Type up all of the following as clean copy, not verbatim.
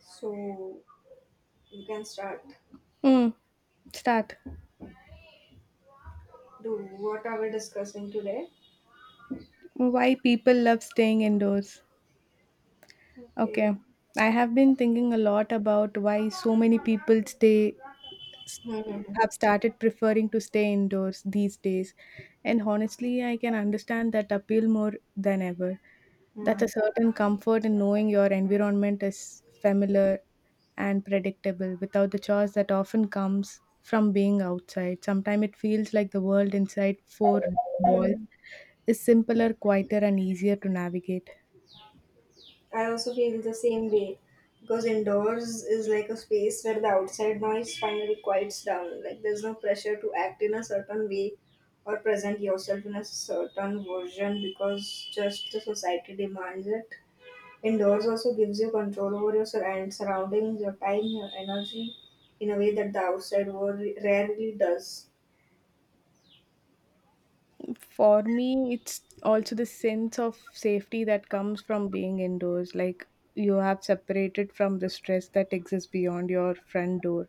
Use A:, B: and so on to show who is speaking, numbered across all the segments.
A: So you can start
B: Mm. Start.
A: do what are we discussing today?
B: Why people love staying indoors.
A: Okay.
B: Okay. I have been thinking a lot about why so many people stay s-
A: Mm-hmm.
B: have started preferring to stay indoors these days. And honestly, I can understand that appeal more than ever. That's a certain comfort in knowing your environment is familiar and predictable without the chores that often comes from being outside. Sometimes it feels like the world inside four walls
A: Mm.
B: is simpler, quieter, and easier to navigate.
A: I also feel the same way because indoors is like a space where the outside noise finally quiets down. Like there's no pressure to act in a certain way or present yourself in a certain version because just the society demands it. Indoors also gives you control over your sur- and surroundings, your time, your energy in a way that the outside world rarely does.
B: For me, it's also the sense of safety that comes from being indoors. Like you have separated from the stress that exists beyond your front door.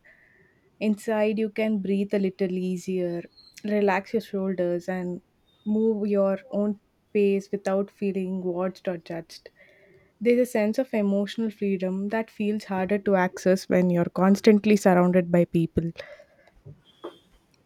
B: Inside, you can breathe a little easier, relax your shoulders, and move your own pace without feeling watched or judged. There's a sense of emotional freedom that feels harder to access when you're constantly surrounded by people.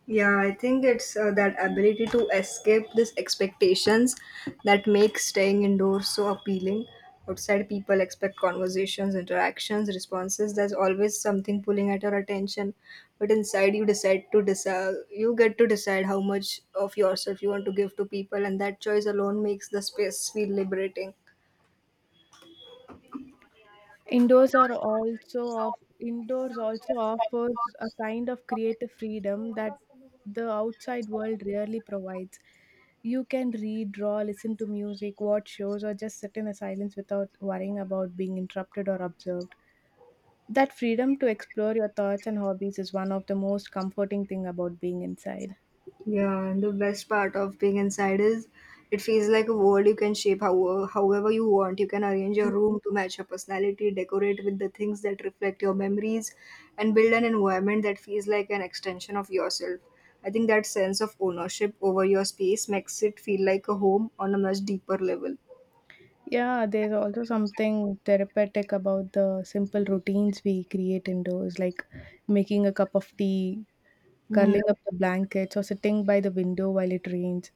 A: Yeah, I think it's that ability to escape these expectations that makes staying indoors so appealing. Outside, people expect conversations, interactions, responses. There's always something pulling at your attention, but inside, you decide. You get to decide how much of yourself you want to give to people, and that choice alone makes the space feel liberating.
B: Indoors also offers a kind of creative freedom that the outside world rarely provides. You can read, draw, listen to music, watch shows, or just sit in a silence without worrying about being interrupted or observed. That freedom to explore your thoughts and hobbies is one of the most comforting thing about being inside.
A: Yeah, and the best part of being inside is it feels like a world you can shape however you want. You can arrange your room to match your personality, decorate with the things that reflect your memories, and build an environment that feels like an extension of yourself. I think that sense of ownership over your space makes it feel like a home on a much deeper level.
B: Yeah, there's also something therapeutic about the simple routines we create indoors, like making a cup of tea,
A: Hmm.
B: curling up the blankets, or sitting by the window while it rains.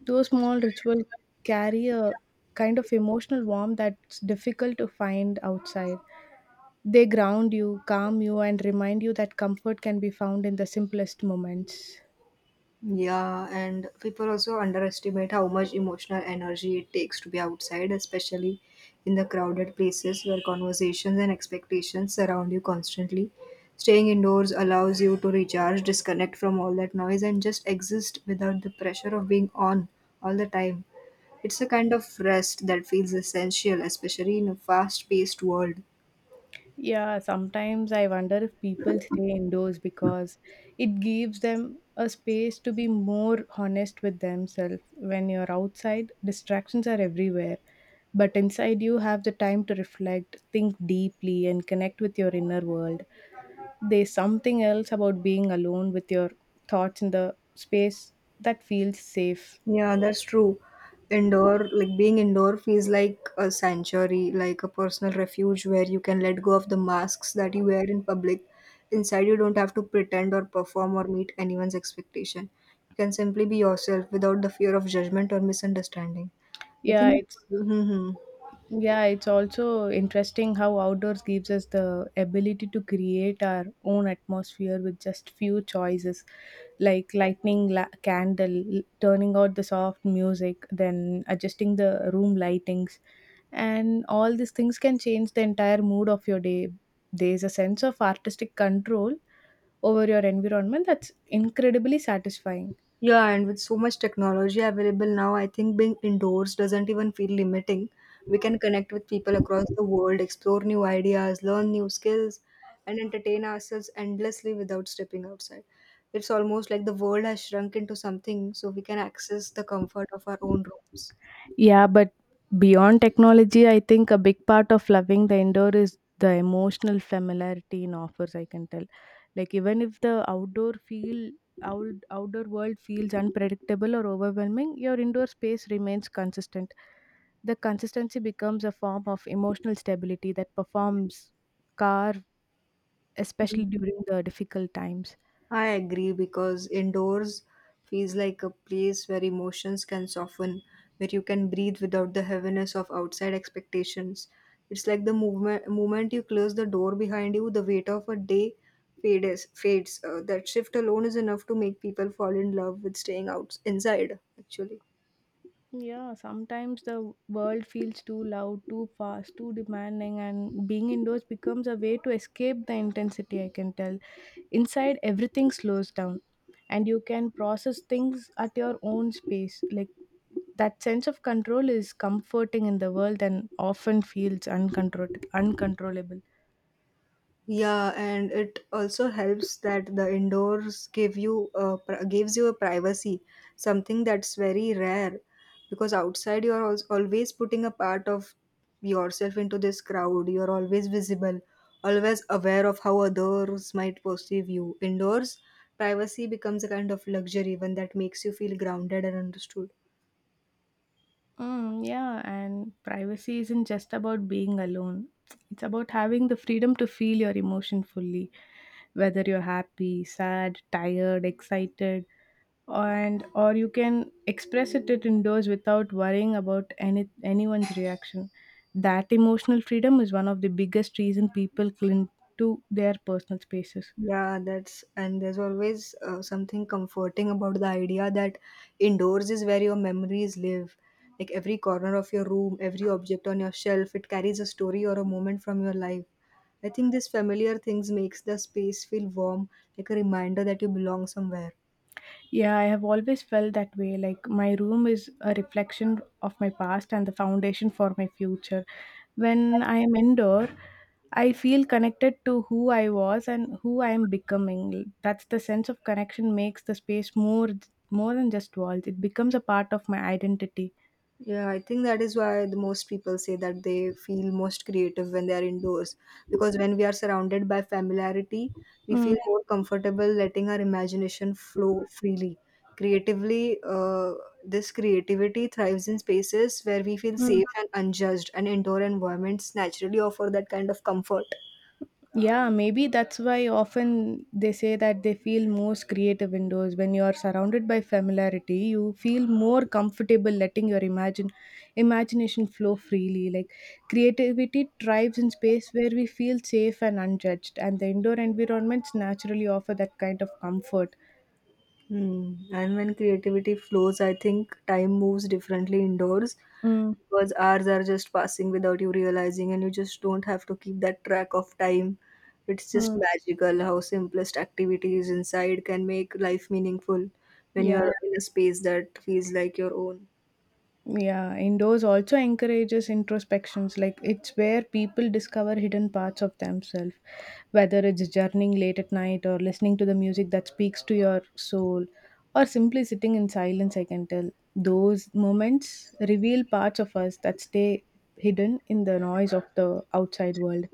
B: Those small rituals carry a kind of emotional warmth that's difficult to find outside. They ground you, calm you, and remind you that comfort can be found in the simplest moments.
A: Yeah, and people also underestimate how much emotional energy it takes to be outside, especially in the crowded places where conversations and expectations surround you constantly. Staying indoors allows you to recharge, disconnect from all that noise, and just exist without the pressure of being on all the time. It's a kind of rest that feels essential, especially in a fast paced world.
B: Yeah, sometimes I wonder if people stay indoors because it gives them a space to be more honest with themselves. When you're outside, distractions are everywhere, but inside you have the time to reflect, think deeply, and connect with your inner world. There's something else about being alone with your thoughts in the space that feels safe.
A: Yeah, that's true. Like being indoor feels like a sanctuary, like a personal refuge where you can let go of the masks that you wear in public. Inside, you don't have to pretend or perform or meet anyone's expectation. You can simply be yourself without the fear of judgment or misunderstanding. I
B: Yeah,
A: think.
B: it's
A: hmm
B: Yeah, it's also interesting how outdoors gives us the ability to create our own atmosphere with just few choices, like lighting candle, turning out the soft music, then adjusting the room lightings, and all these things can change the entire mood of your day. There's a sense of artistic control over your environment that's incredibly satisfying.
A: Yeah, and with so much technology available now, I think being indoors doesn't even feel limiting. We can connect with people across the world, explore new ideas, learn new skills, and entertain ourselves endlessly without stepping outside. It's almost like the world has shrunk into something so we can access the comfort of our own rooms.
B: Yeah, but beyond technology, I think a big part of loving the indoor is the emotional familiarity in offers. I can tell, like even if the out, outdoor world feels unpredictable or overwhelming, your indoor space remains consistent. The consistency becomes a form of emotional stability that performs car, especially during the difficult times.
A: I agree because indoors feels like a place where emotions can soften, where you can breathe without the heaviness of outside expectations. It's like the moment you close the door behind you, the weight of a day fades. That shift alone is enough to make people fall in love with staying out inside, actually.
B: Yeah, sometimes the world feels too loud, too fast, too demanding, and being indoors becomes a way to escape the intensity. I can tell. Inside, everything slows down, and you can process things at your own space. Like that sense of control is comforting in the world and often feels uncontrollable.
A: Yeah, and it also helps that the indoors gives you a privacy, something that's very rare, because outside you're always putting a part of yourself into this crowd. You're always visible, always aware of how others might perceive you. Indoors, privacy becomes a kind of luxury, one that makes you feel grounded and understood.
B: Mm, yeah, and privacy isn't just about being alone. It's about having the freedom to feel your emotion fully, whether you're happy, sad, tired, excited, and or you can express it indoors without worrying about anyone's reaction. That emotional freedom is one of the biggest reason people cling to their personal spaces.
A: Yeah, that's and there's always something comforting about the idea that indoors is where your memories live. Like every corner of your room, every object on your shelf, it carries a story or a moment from your life. I think these familiar things makes the space feel warm, like a reminder that you belong somewhere.
B: Yeah, I have always felt that way. Like my room is a reflection of my past and the foundation for my future. When I am indoor, I feel connected to who I was and who I am becoming. That's the sense of connection makes the space more than just walls. It becomes a part of my identity.
A: Yeah, I think that is why the most people say that they feel most creative when they are indoors. Because when we are surrounded by familiarity, we
B: Mm,
A: feel more comfortable letting our imagination flow freely. Creatively, uh, this creativity thrives in spaces where we feel
B: mm.
A: safe and unjudged, and indoor environments naturally offer that kind of comfort.
B: Yeah, maybe that's why often they say that they feel most creative indoors. When you are surrounded by familiarity, you feel more comfortable letting your imagine imagination flow freely. Like creativity thrives in space where we feel safe and unjudged, and the indoor environments naturally offer that kind of comfort.
A: Hmm. And when creativity flows, I think time moves differently indoors
B: Mm,
A: because hours are just passing without you realizing, and you just don't have to keep that track of time. It's just
B: mm.
A: magical how simplest activities inside can make life meaningful when you're
B: Yeah.
A: in a space that feels like your own.
B: Yeah, indoors also encourages introspections. Like it's where people discover hidden parts of themselves, whether it's journeying late at night or listening to the music that speaks to your soul, or simply sitting in silence. I can tell those moments reveal parts of us that stay hidden in the noise of the outside world.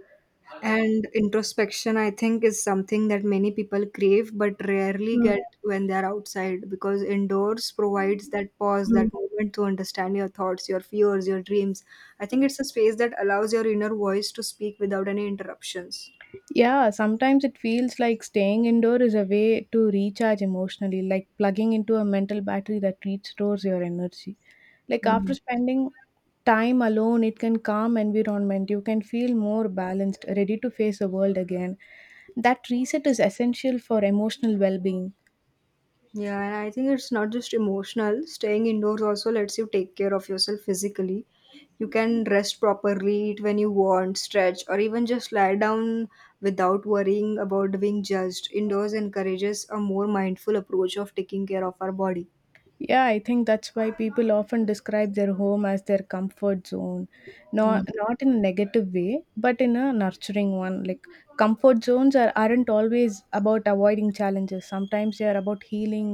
A: And introspection, I think, is something that many people crave but rarely
B: Mm.
A: get when they're outside because indoors provides that pause, that moment to understand your thoughts, your fears, your dreams. I think it's a space that allows your inner voice to speak without any interruptions.
B: Yeah, sometimes it feels like staying indoor is a way to recharge emotionally, like plugging into a mental battery that restores your energy. Like
A: Hmm.
B: after spending time alone, it can calm environment. You can feel more balanced, ready to face the world again. That reset is essential for emotional well-being.
A: Yeah, and I think it's not just emotional. Staying indoors also lets you take care of yourself physically. You can rest properly, eat when you want, stretch, or even just lie down without worrying about being judged. Indoors encourages a more mindful approach of taking care of our body.
B: Yeah, I think that's why people often describe their home as their comfort zone.
A: Hmm.
B: Not in a negative way, but in a nurturing one. Like aren't always about avoiding challenges. Sometimes they are about healing,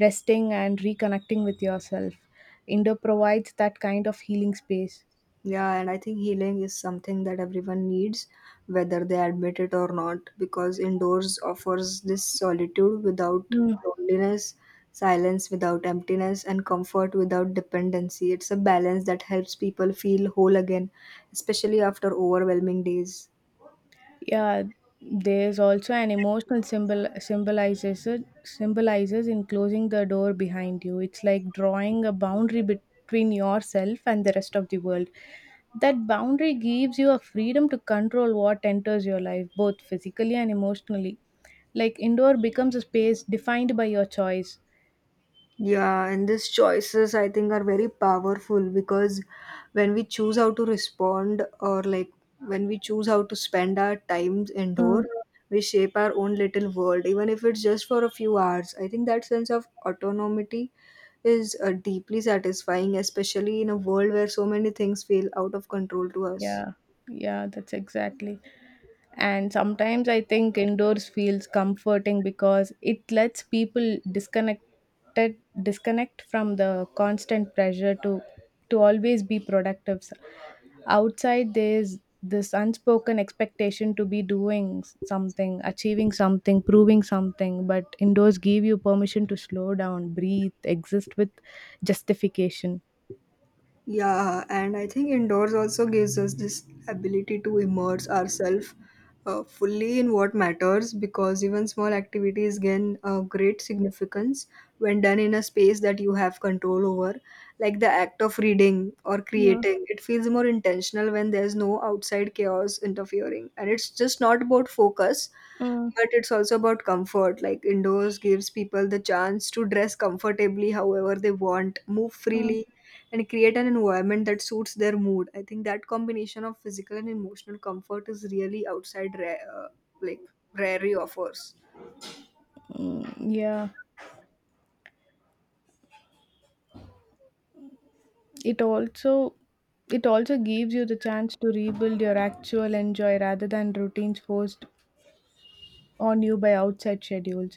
B: resting and reconnecting with yourself. Indo provides that kind of healing space.
A: Yeah, and I think healing is something that everyone needs, whether they admit it or not, because indoors offers this solitude without
B: Hmm.
A: loneliness, silence without emptiness, and comfort without dependency. It's a balance that helps people feel whole again, especially after overwhelming days.
B: Yeah, there's also an emotional symbolizes in closing the door behind you. It's like drawing a boundary between yourself and the rest of the world. That boundary gives you a freedom to control what enters your life, both physically and emotionally. Like indoor becomes a space defined by your choice.
A: Yeah, and these choices I think are very powerful because when we choose how to respond or like when we choose how to spend our time
B: Mm.
A: indoor, we shape our own little world, even if it's just for a few hours. I think that sense of autonomy is deeply satisfying, especially in a world where so many things feel out of control to us.
B: Yeah. Yeah, that's exactly. And sometimes I think indoors feels comforting because it lets people disconnected disconnect from the constant pressure to always be productive. Outside there's this unspoken expectation to be doing something, achieving something, proving something, but indoors give you permission to slow down, breathe, exist with justification.
A: Yeah, and I think indoors also gives us this ability to immerse ourselves fully in what matters because even small activities gain great significance when done in a space that you have control over. Like the act of reading or creating, it feels more intentional when there's no outside chaos interfering. And it's just not about focus,
B: Mm,
A: but it's also about comfort. Like indoors gives people the chance to dress comfortably however they want, move
B: mm.
A: freely, and create an environment that suits their mood. I think that combination of physical and emotional comfort is really outside like rarely offers.
B: Mm, yeah, it also it also gives you the chance to rebuild your actual enjoy rather than routines forced on you by outside schedules.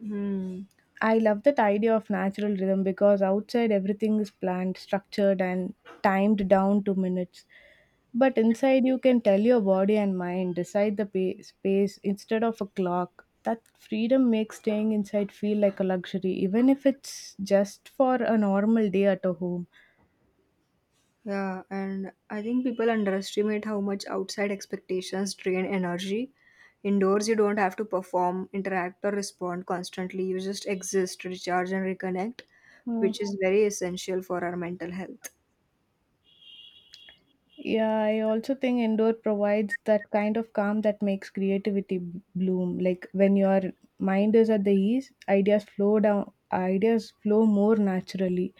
A: Hmm.
B: I love that idea of natural rhythm because outside everything is planned, structured and timed down to minutes, but inside you can tell your body and mind decide the space instead of a clock. That freedom makes staying inside feel like a luxury even if it's just for a normal day at a home.
A: Yeah, and I think people underestimate how much outside expectations drain energy. Indoors, you don't have to perform, interact, or respond constantly. You just exist, recharge, and reconnect, which is very essential for our mental health.
B: Yeah, I also think indoor provides that kind of calm that makes creativity bloom. Like when your mind is at the ease, ideas flow more naturally.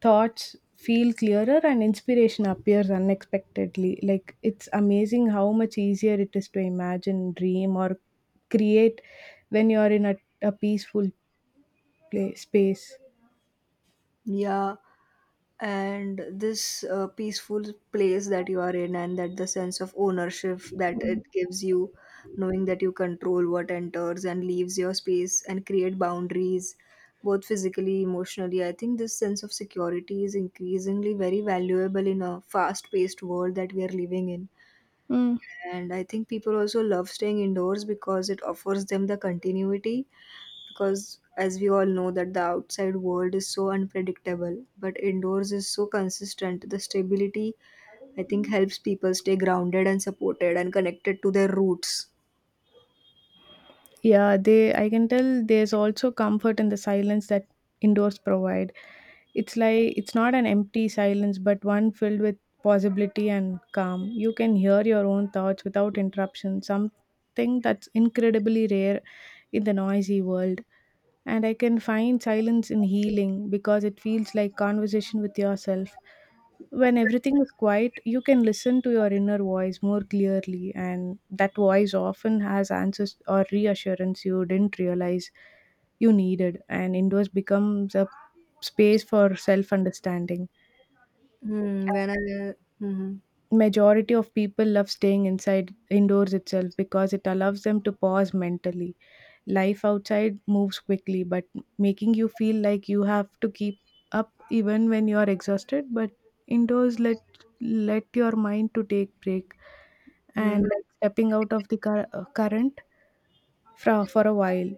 B: Thoughts feel clearer and inspiration appears unexpectedly. Like it's amazing how much easier it is to imagine, dream, or create when you're in a peaceful space.
A: Yeah, and this peaceful place that you are in, and that the sense of ownership that it gives you, knowing that you control what enters and leaves your space and create boundaries, both physically, emotionally. I think this sense of security is increasingly very valuable in a fast paced world that we are living in.
B: Mm.
A: And I think people also love staying indoors because it offers them the continuity because as we all know that the outside world is so unpredictable but indoors is so consistent the stability I think helps people stay grounded and supported and connected to their roots.
B: Yeah, they I can tell there's also comfort in the silence that indoors provide. It's like it's not an empty silence but one filled with possibility and calm. You can hear your own thoughts without interruption, something that's incredibly rare in the noisy world. And I can find silence in healing because it feels like conversation with yourself. When everything is quiet, you can listen to your inner voice more clearly, and that voice often has answers or reassurance you didn't realize you needed. And indoors becomes a space for self understanding.
A: Hmm, when i hmm,
B: Majority of people love staying inside indoors itself because it allows them to pause mentally. Life outside moves quickly, but making you feel like you have to keep up even when you are exhausted. But indoors let your mind to take break, and
A: hmm.
B: like stepping out of the current for a while.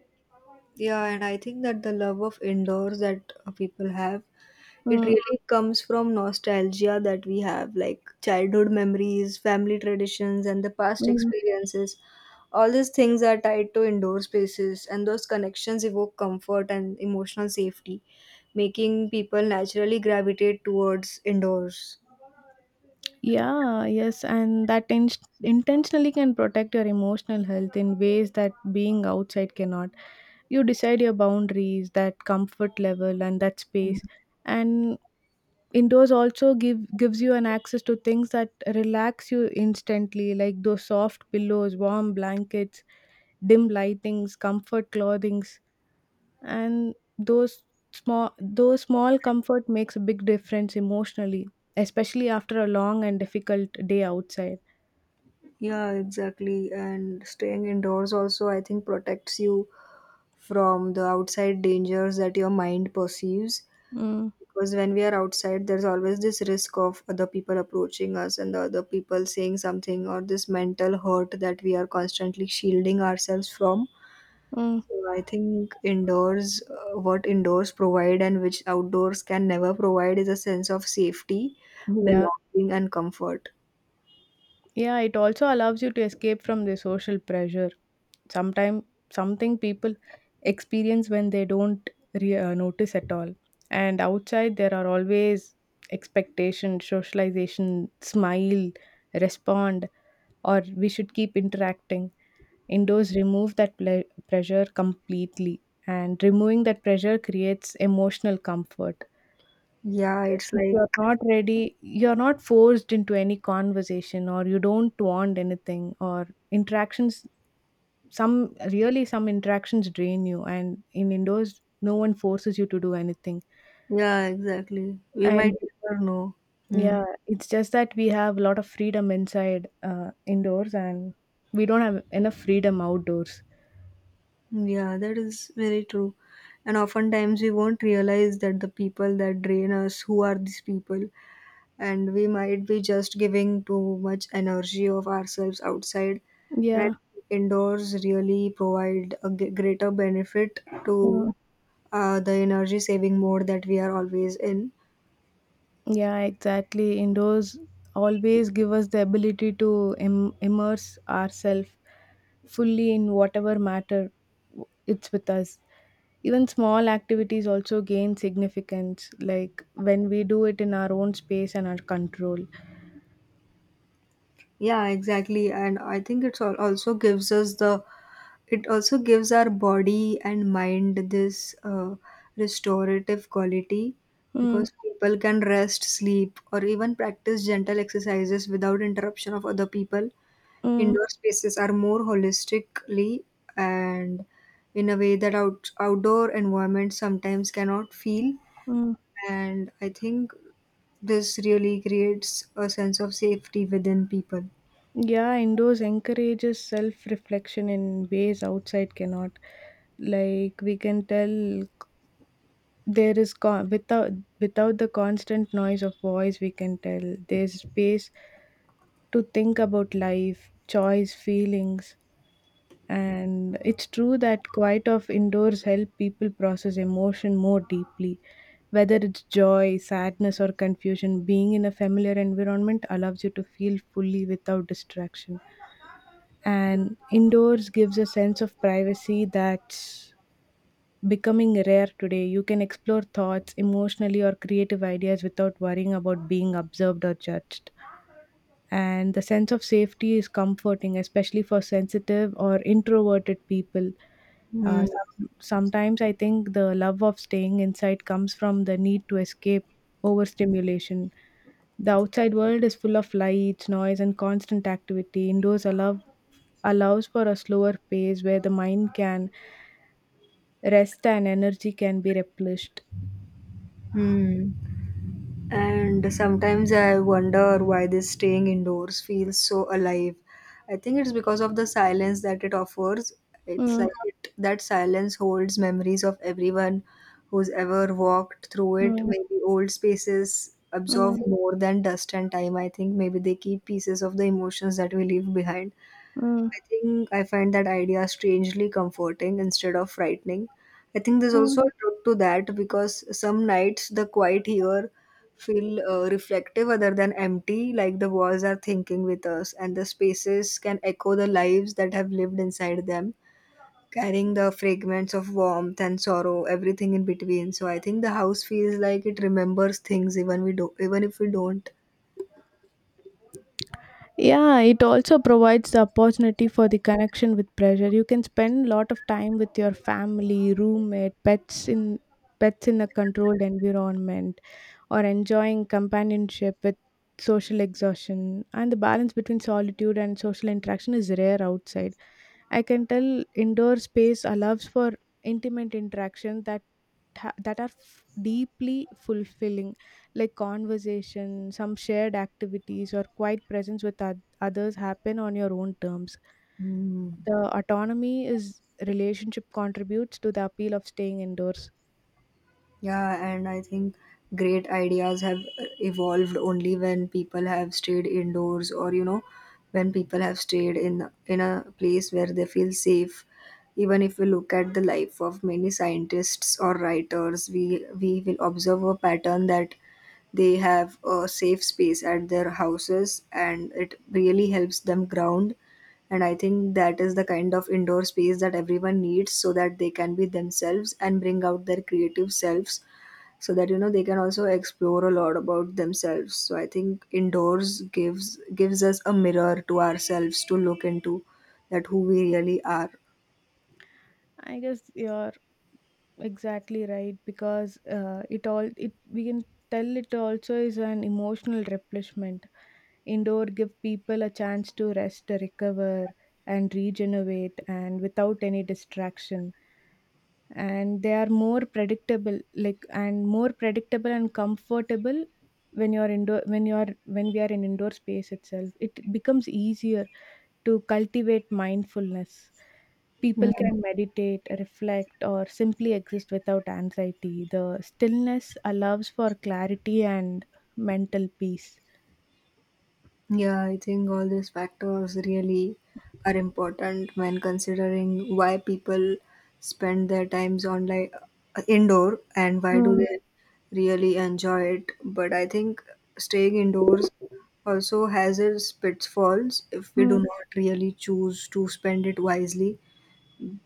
A: Yeah, and I think that the love of indoors that people have, it
B: Mm.
A: really comes from nostalgia that we have, like childhood memories, family traditions, and the past
B: Mm.
A: experiences. All these things are tied to indoor spaces, and those connections evoke comfort and emotional safety, making people naturally gravitate towards indoors.
B: Yeah, yes, and that in- intentionally can protect your emotional health in ways that being outside cannot. You decide your boundaries, that comfort level, and that space.
A: Mhm.
B: And indoors also give gives you an access to things that relax you instantly, like those soft pillows, warm blankets, dim lightings, comfort clothing, and those small comfort makes a big difference emotionally, especially after a long and difficult day outside.
A: Yeah, exactly. And staying indoors also, I think, protects you from the outside dangers that your mind perceives.
B: Mm,
A: Because when we are outside there's always this risk of other people approaching us and the other people saying something or this mental hurt that we are constantly shielding ourselves from,
B: mm.
A: so I think indoors what indoors provide and which outdoors can never provide is a sense of safety,
B: Yeah.
A: belonging and comfort.
B: Yeah, it also allows you to escape from the social pressure. Sometimes something people experience when they don't notice at all. And outside there are always expectation, socialization, smile, respond, or we should keep interacting. Indoors remove that pressure completely, and removing that pressure creates emotional comfort.
A: Yeah, it's
B: If
A: like
B: you're not ready, you're not forced into any conversation, or you don't want anything, or interactions. Some interactions drain you, and in indoors, no one forces you to do anything.
A: yeah exactly we might
B: And
A: never know. Hmm.
B: yeah, it's just that we have a lot of freedom inside indoors, and we don't have enough freedom outdoors.
A: Yeah, that is very true. And oftentimes we won't realize that the people that drain us, who are these people? And we might be just giving too much energy of ourselves outside. And I
B: Yeah.
A: think indoors really provide a greater benefit to the energy saving mode that we are always in.
B: Yeah, exactly. Indoors always give us the ability to immerse ourselves fully in whatever matter it's with us. Even small activities also gain significance, like when we do it in our own space and our control.
A: Yeah, exactly. And I think it also gives our body and mind this restorative quality
B: Mm,
A: because people can rest sleep or even practice gentle exercises without interruption of other people
B: mm,
A: indoor spaces are more holistically and in a way that outdoor environments sometimes cannot feel
B: mm.
A: and I think this really creates a sense of safety within people.
B: Yeah, indoors encourages self reflection in ways outside cannot. Like we can tell without the constant noise of voice, we can tell there's space to think about life choice feelings, and it's true that quiet of indoors help people process emotion more deeply, whether it's joy, sadness or confusion. Being in a familiar environment allows you to feel fully without distraction, and indoors gives a sense of privacy that's becoming rare today. You can explore thoughts, emotionally or creative ideas without worrying about being observed or judged. And the sense of safety is comforting, especially for sensitive or introverted people. Uh,
A: Hmm.
B: some, sometimes I think the love of staying inside comes from the need to escape overstimulation. The outside world is full of lights, noise, and constant activity. Indoors allows for a slower pace where the mind can rest and energy can be replenished.
A: Hmm. And sometimes I wonder why this staying indoors feels so alive. I think it's because of the silence that it offers. It's like
B: Mm,
A: that silence holds memories of everyone who's ever walked through it.
B: mm,
A: Maybe old spaces absorb
B: mm,
A: more than dust and time. I think maybe they keep pieces of the emotions that we leave behind.
B: mm,
A: I think I find that idea strangely comforting instead of frightening. I think there's
B: mm.
A: also a truth to that because some nights the quiet here feel reflective other than empty, like the walls are thinking with us, and the spaces can echo the lives that have lived inside them, carrying the fragments of warmth and sorrow, everything in between. So I think the house feels like it remembers things even we do, even if we don't.
B: Yeah, it also provides the opportunity for the connection with pleasure. You can spend a lot of time with your family, roommate, pets in a controlled environment or enjoying companionship with social exhaustion, and the balance between solitude and social interaction is rare outside. I can tell indoor space allows for intimate interaction that are deeply fulfilling, like conversation, some shared activities, or quiet presence with others happen on your own terms.
A: Hmm.
B: The autonomy is relationship contributes to the appeal of staying indoors.
A: Yeah, and I think great ideas have evolved only when people have stayed indoors, or you know when people have stayed in a place where they feel safe. Even if we look at the life of many scientists or writers, we will observe a pattern that they have a safe space at their houses and it really helps them ground. And I think that is the kind of indoor space that everyone needs, so that they can be themselves and bring out their creative selves, so that you know they can also explore a lot about themselves. So I think indoors gives us a mirror to ourselves to look into, that who we really are.
B: I guess you're exactly right because it all it we can tell it also is an emotional replenishment. Indoor give people a chance to rest, recover, and regenerate, and without any distraction. And they are more predictable and comfortable. When you're indoor, when we are in indoor space itself, it becomes easier to cultivate mindfulness.
A: Mm.
B: People can meditate, reflect, or simply exist without anxiety. The stillness allows for clarity and mental peace.
A: Yeah, I think all these factors really are important when considering why people spend their times online indoor and why do
B: Mm,
A: they really enjoy it. But I think staying indoors also has its pitfalls if we do
B: mm,
A: not really choose to spend it wisely,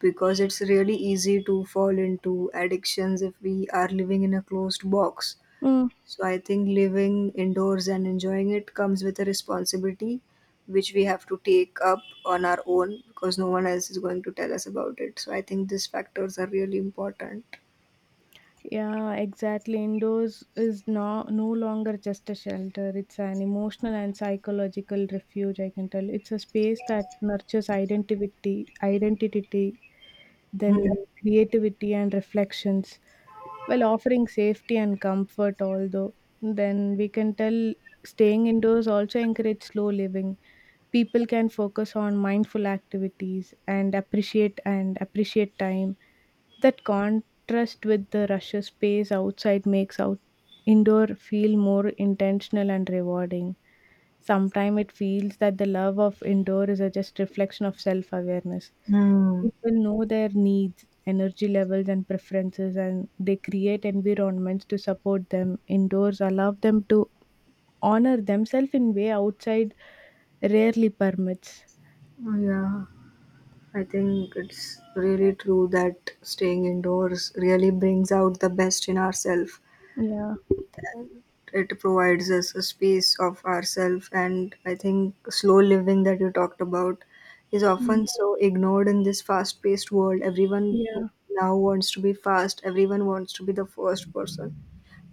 A: because it's really easy to fall into addictions if we are living in a closed box.
B: mm.
A: So I think living indoors and enjoying it comes with a responsibility which we have to take up on our own, because no one else is going to tell us about it. So I think these factors are really important.
B: Yeah, exactly. Indoors is no longer just a shelter. It's an emotional and psychological refuge, I can tell. It's a space that nurtures identity,
A: Hmm.
B: then creativity and reflections, while offering safety and comfort, although. Then we can tell staying indoors also encourages slow living. People can focus on mindful activities and appreciate time. That contrast with the rushed space outside makes out indoor feel more intentional and rewarding. Sometimes it feels that the love of indoor is a just reflection of self-awareness.
A: Hmm.
B: People know their needs, energy levels, and preferences, and they create environments to support them. Indoors allow them to honor themselves in way outside rarely permits.
A: Yeah, I think it's really true that staying indoors really brings out the best in ourselves.
B: Yeah.
A: And it provides us a space of ourself, and I think slow living that you talked about is
B: Mm.
A: often so ignored in this fast paced world. Everyone
B: Yeah.
A: now wants to be fast, everyone wants to be the first person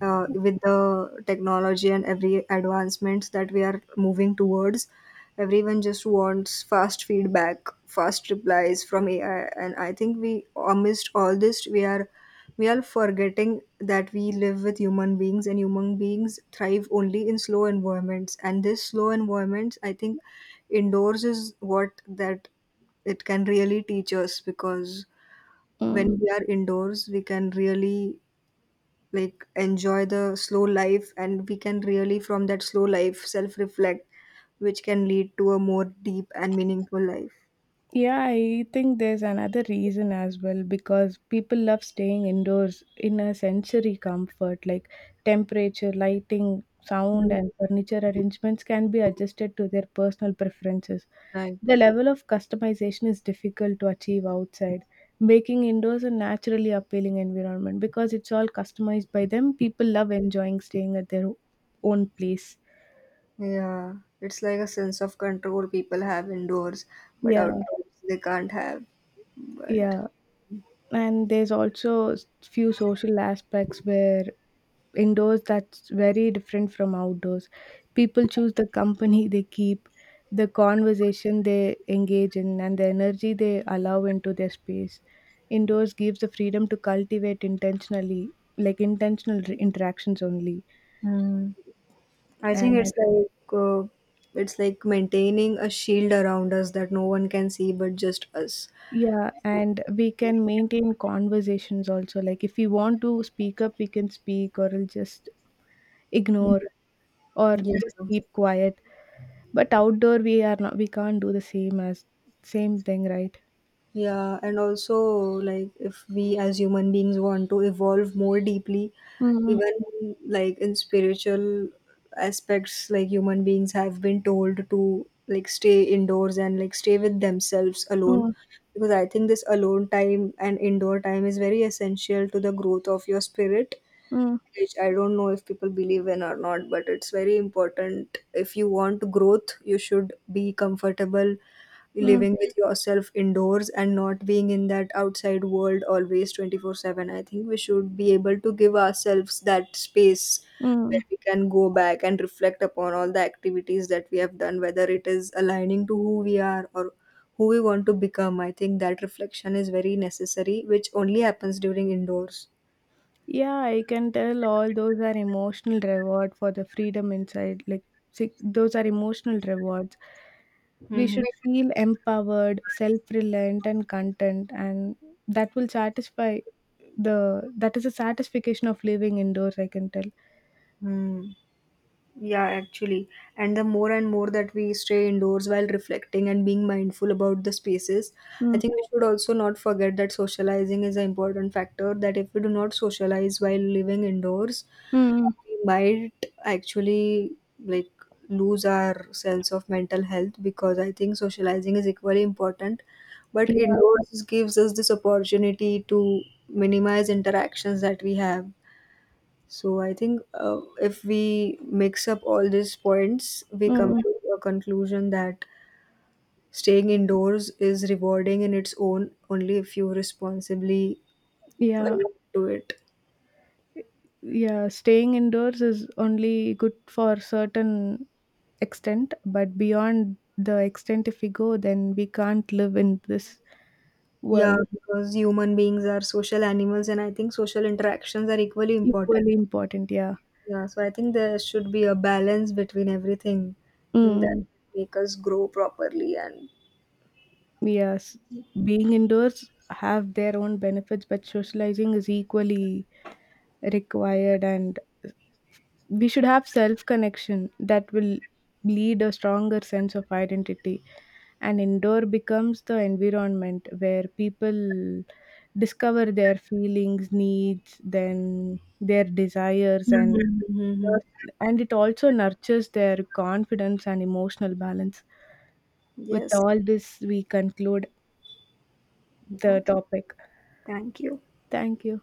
A: with the technology and every advancements that we are moving towards. Everyone just wants fast feedback, fast replies from AI, and I think we amidst all this we are forgetting that we live with human beings, and human beings thrive only in slow environments. And this slow environments I think indoors is what that it can really teach us, because
B: Mm.
A: when we are indoors we can really like enjoy the slow life, and we can really from that slow life self reflect, which can lead to a more deep and meaningful life.
B: Yeah, I think there's another reason as well, because people love staying indoors in a sensory comfort, like temperature, lighting, sound,
A: Mm.
B: and furniture arrangements can be adjusted to their personal preferences.
A: Right.
B: The level of customization is difficult to achieve outside, making indoors a naturally appealing environment because it's all customized by them. People love enjoying staying at their own place.
A: Yeah, it's like a sense of control people have indoors, but
B: Yeah,
A: outdoors they can't have. But
B: yeah. And there's also few social aspects where indoors that's very different from outdoors. People choose the company they keep, the conversation they engage in, and the energy they allow into their space. Indoors gives the freedom to cultivate intentionally, like intentional interactions only.
A: I think
B: And
A: it's like maintaining a shield around us that no one can see but just us.
B: yeah, and we can maintain conversations also, like if we want to speak up, we can speak, or we'll just
A: Mm.
B: ignore or
A: Yeah.
B: just keep quiet. But outdoor, we are not, we can't do the same as same thing, right?
A: Yeah, and also, like if we as human beings want to evolve more deeply,
B: Mm,
A: even like in spiritual aspects, like human beings have been told to like stay indoors and like stay with themselves alone.
B: mm,
A: Because I think this alone time and indoor time is very essential to the growth of your spirit,
B: mm,
A: which I don't know if people believe in or not, but it's very important. If you want growth, you should be comfortable
B: mm,
A: living with yourself indoors and not being in that outside world always 24/7. I think we should be able to give ourselves that space
B: mm.
A: where we can go back and reflect upon all the activities that we have done, whether it is aligning to who we are or who we want to become. I think that reflection is very necessary, which only happens during indoors.
B: Yeah, I can tell all those are emotional reward for the freedom inside. Like see, those are emotional rewards. We
A: Hmm.
B: should feel empowered, self-reliant, and content, and that will satisfy the that is a satisfaction of living indoors. I can tell.
A: Hmm. Yeah, actually. And the more and more that we stay indoors while reflecting and being mindful about the spaces, I
B: Mm,
A: think we should also not forget that socializing is an important factor. That if we do not socialize while living indoors,
B: mm,
A: we might actually like lose our sense of mental health, because I think socializing is equally important. But
B: yeah,
A: indoors gives us this opportunity to minimize interactions that we have. So I think if we mix up all these points, we come
B: mm,
A: to a conclusion that staying indoors is rewarding in its own only if you responsibly
B: yeah.
A: do it.
B: Yeah, staying indoors is only good for certain extent, but beyond the extent if we go, then we can't live in this
A: Yeah,
B: world.
A: because human beings are social animals, and I think social interactions are equally
B: Equally
A: important.
B: important, yeah.
A: Yeah, so I think there should be a balance between everything that
B: mm,
A: make us grow properly and.
B: yes, being indoors have their own benefits, but socializing is equally required. And we should have self connection that will lead a stronger sense of identity. And indoor becomes the environment where people discover their feelings, needs, then their desires. and
A: Mhm. Mhm.
B: and it also nurtures their confidence and emotional balance. With
A: Yes.
B: all this, we conclude the
A: Okay.
B: topic.
A: Thank you.
B: Thank you.